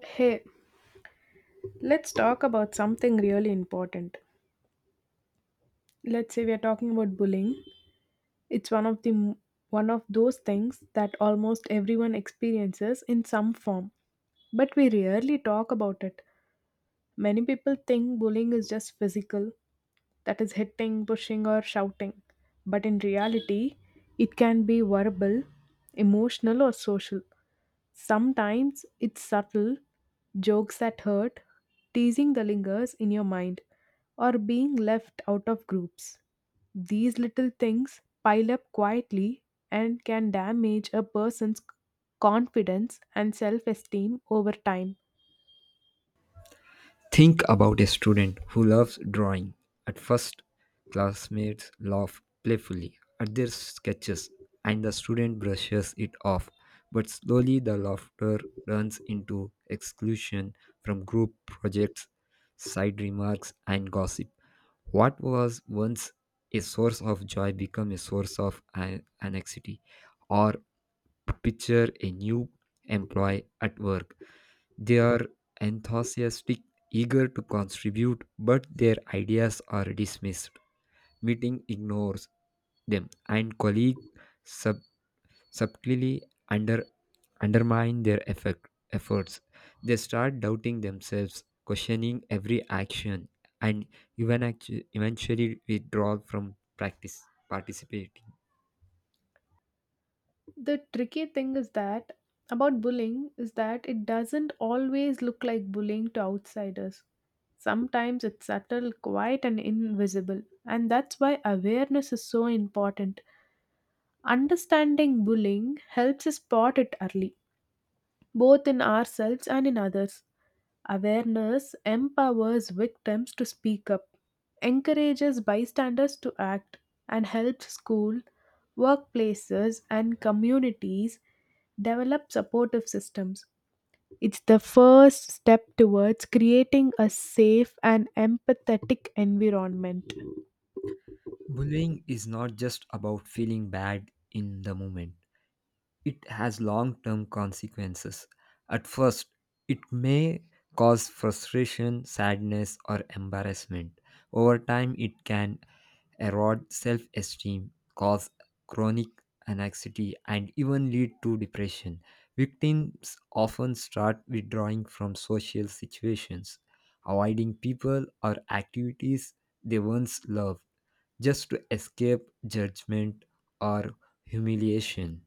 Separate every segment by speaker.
Speaker 1: Hey, let's talk about something really important. Let's say we are talking about bullying. It's one of those things that almost everyone experiences in some form, but we rarely talk about it. Many people think bullying is just physical, that is, hitting, pushing, or shouting. But in reality, it can be verbal, emotional, or social. Sometimes it's subtle, jokes that hurt, teasing the lingers in your mind, or being left out of groups. These little things pile up quietly and can damage a person's confidence and self esteem over time.
Speaker 2: Think about a student who loves drawing. At first, classmates laugh playfully at their sketches and the student brushes it off. But slowly, the laughter turns into exclusion from group projects, side remarks, and gossip. What was once a source of joy becomes a source of anxiety. Or picture a new employee at work, they are enthusiastic, eager to contribute, but their ideas are dismissed. Meeting ignores them, and colleagues sub- subtly undermine their efforts. They start doubting themselves, questioning every action, and even eventually withdraw from practice participating.
Speaker 1: The tricky thing is that about bullying is that it doesn't always look like bullying to outsiders. Sometimes it's subtle, quiet, and invisible. And that's why awareness is so important. Understanding bullying helps us spot it early both in ourselves and in others. Awareness empowers victims to speak up, encourages bystanders to act, and helps school, workplaces, and communities develop supportive systems. It's the first step towards creating a safe and empathetic environment.
Speaker 2: Bullying is not just about feeling bad in the moment, it has long term consequences. At first, it may cause frustration, sadness, or embarrassment. Over time, it can erode self esteem, cause chronic anxiety, and even lead to depression. Victims often start withdrawing from social situations, avoiding people or activities they once loved just to escape judgment or humiliation.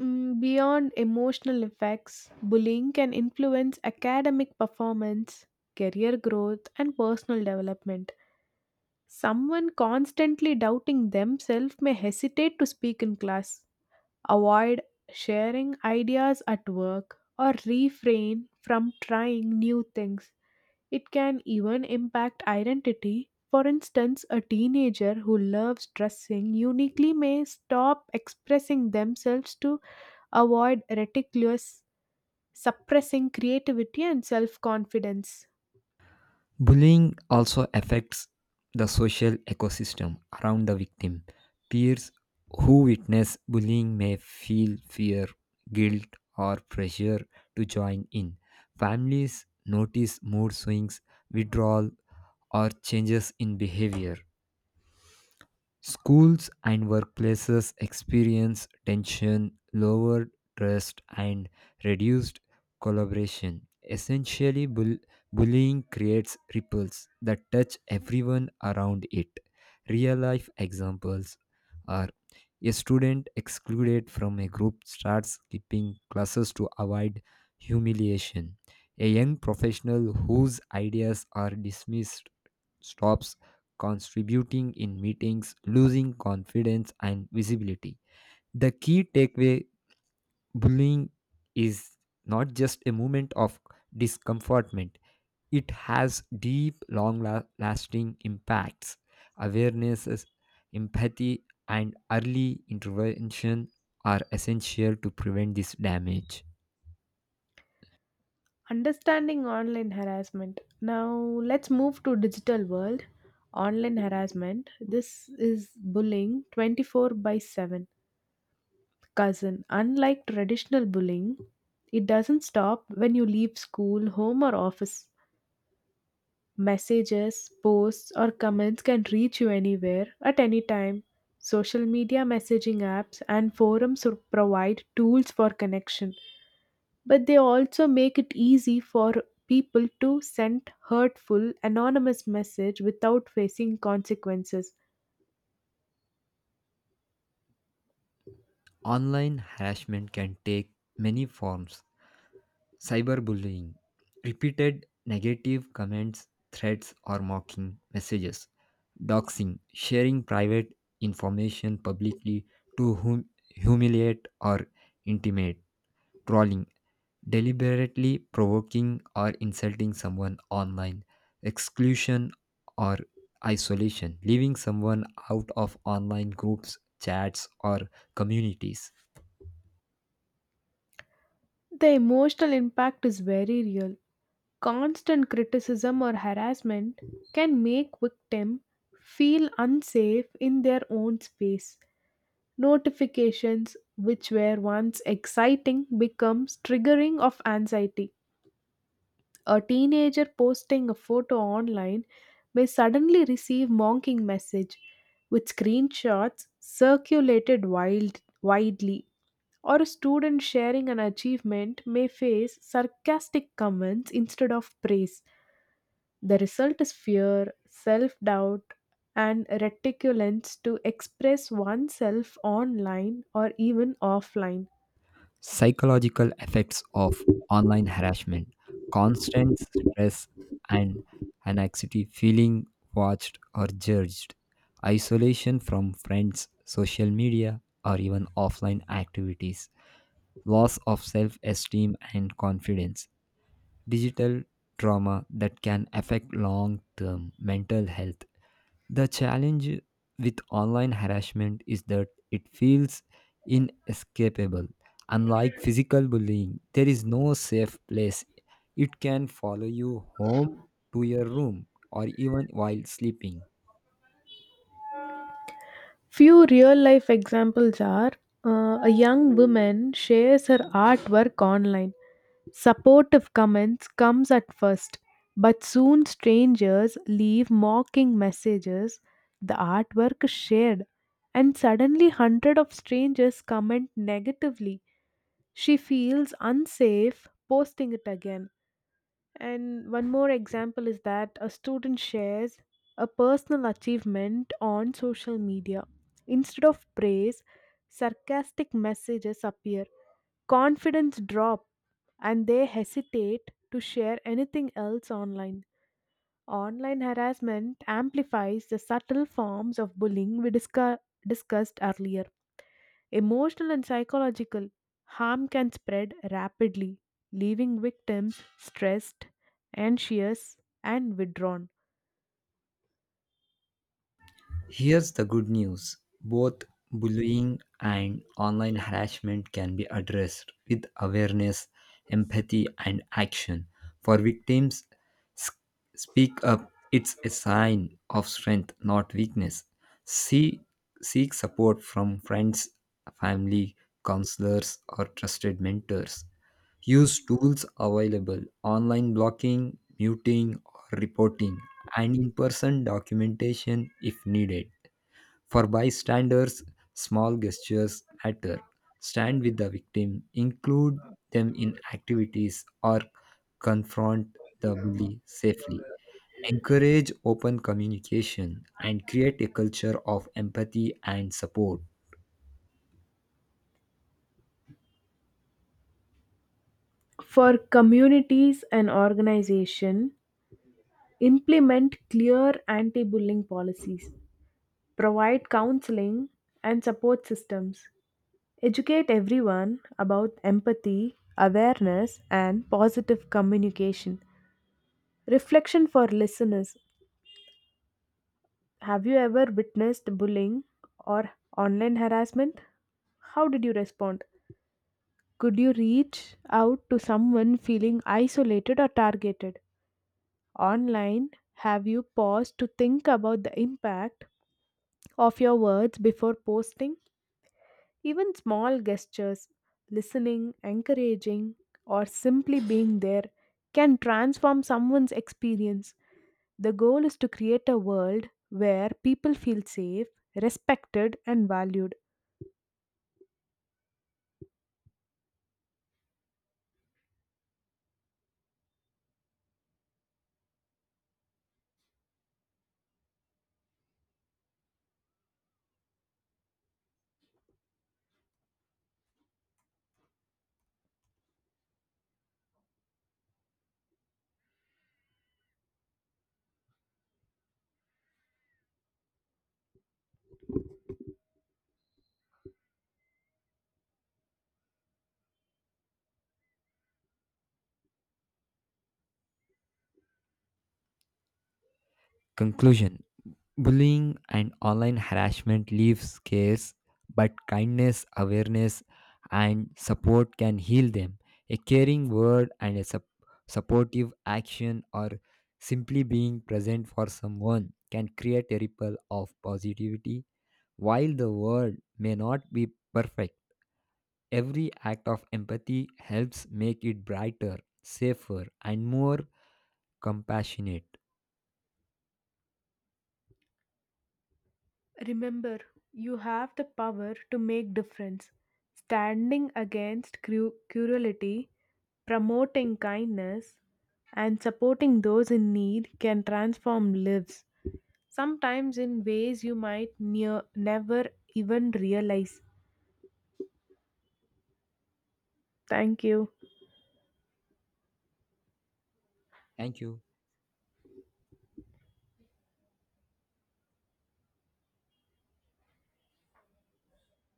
Speaker 1: Mm, beyond emotional effects, bullying can influence academic performance, career growth, and personal development. Someone constantly doubting themselves may hesitate to speak in class, avoid sharing ideas at work, or refrain from trying new things. It can even impact identity. For instance, a teenager who loves dressing uniquely may stop expressing themselves to avoid ridiculous, suppressing creativity and self confidence.
Speaker 2: Bullying also affects the social ecosystem around the victim. Peers who witness bullying may feel fear, guilt, or pressure to join in. Families notice mood swings, withdrawal, or changes in behavior. Schools and workplaces experience tension, lower trust, and reduced collaboration. Essentially, bullying creates ripples that touch everyone around it. Real life examples are, a student excluded from a group starts skipping classes to avoid humiliation. A young professional whose ideas are dismissed stops contributing in meetings, losing confidence and visibility. The key takeaway, bullying is not just a moment of discomfortment, it has deep, lasting impacts. Awareness, empathy, and early intervention are essential to prevent this damage.
Speaker 1: Understanding online harassment. Now let's move to digital world. Online harassment. This is bullying 24 by 7. Cousin, unlike traditional bullying, it doesn't stop when you leave school, home or office. Messages, posts or comments can reach you anywhere at any time. Social media messaging apps and forums provide tools for connection, but they also make it easy for people to send hurtful anonymous message without facing consequences.
Speaker 2: Online harassment can take many forms, cyberbullying, repeated negative comments, threats, or mocking messages, doxing, sharing private information publicly to humiliate or intimidate, trolling, deliberately provoking or insulting someone online, exclusion or isolation, leaving someone out of online groups, chats, or communities,
Speaker 1: The emotional impact is very real. Constant criticism or harassment can make victim feel unsafe in their own space. Notifications which were once exciting becomes triggering of anxiety. A teenager posting a photo online may suddenly receive mocking message with screenshots circulated widely, or a student sharing an achievement may face sarcastic comments instead of praise. The result is fear, self-doubt and reticence to express oneself online or even offline.
Speaker 2: psychological effects of online harassment, constant stress and anxiety, feeling watched or judged, isolation from friends, social media, or even offline activities, loss of self esteem and confidence, digital trauma that can affect long term mental health. The challenge with online harassment is that it feels inescapable. Unlike physical bullying, there is no safe place. It can follow you home to your room or even while sleeping.
Speaker 1: Few real life examples are a young woman shares her artwork online. Supportive comments comes at first, but soon strangers leave mocking messages. The artwork is shared, and suddenly hundred of strangers comment negatively. She feels unsafe posting it again. And one more example is that a student shares a personal achievement on social media. Instead of praise, sarcastic messages appear, confidence drop, and they hesitate to share anything else online. Online harassment amplifies the subtle forms of bullying we discussed earlier. Emotional and psychological harm can spread rapidly, leaving victims stressed, anxious, and withdrawn.
Speaker 2: Here's the good news, both bullying and online harassment can be addressed with awareness, empathy, and action. For victims, s- speak up. It's a sign of strength, not weakness. See, seek support from friends, family, counselors, or trusted mentors. Use tools available online, blocking, muting, or reporting, and in person documentation if needed. For bystanders, small gestures matter. Stand with the victim, include them in activities, or confront the bully safely. Encourage open communication and create a culture of empathy and support.
Speaker 1: For communities and organizations, implement clear anti-bullying policies, provide counseling and support systems, educate everyone about empathy, awareness, and positive communication. Reflection for listeners. Have you ever witnessed bullying or online harassment? How did you respond? Could you reach out to someone feeling isolated or targeted? Online, have you paused to think about the impact of your words before posting? Even small gestures, listening, encouraging, or simply being there can transform someone's experience. The goal is to create a world where people feel safe, respected, and valued.
Speaker 2: Conclusion. Bullying and online harassment leave scars, but kindness, awareness, and support can heal them. A caring word and a supportive action, or simply being present for someone, can create a ripple of positivity. While the world may not be perfect, every act of empathy helps make it brighter, safer, and more compassionate.
Speaker 1: Remember, you have the power to make difference. Standing against cruelty, promoting kindness, and supporting those in need can transform lives, sometimes in ways you might near never even realize. Thank you.
Speaker 2: Thank you.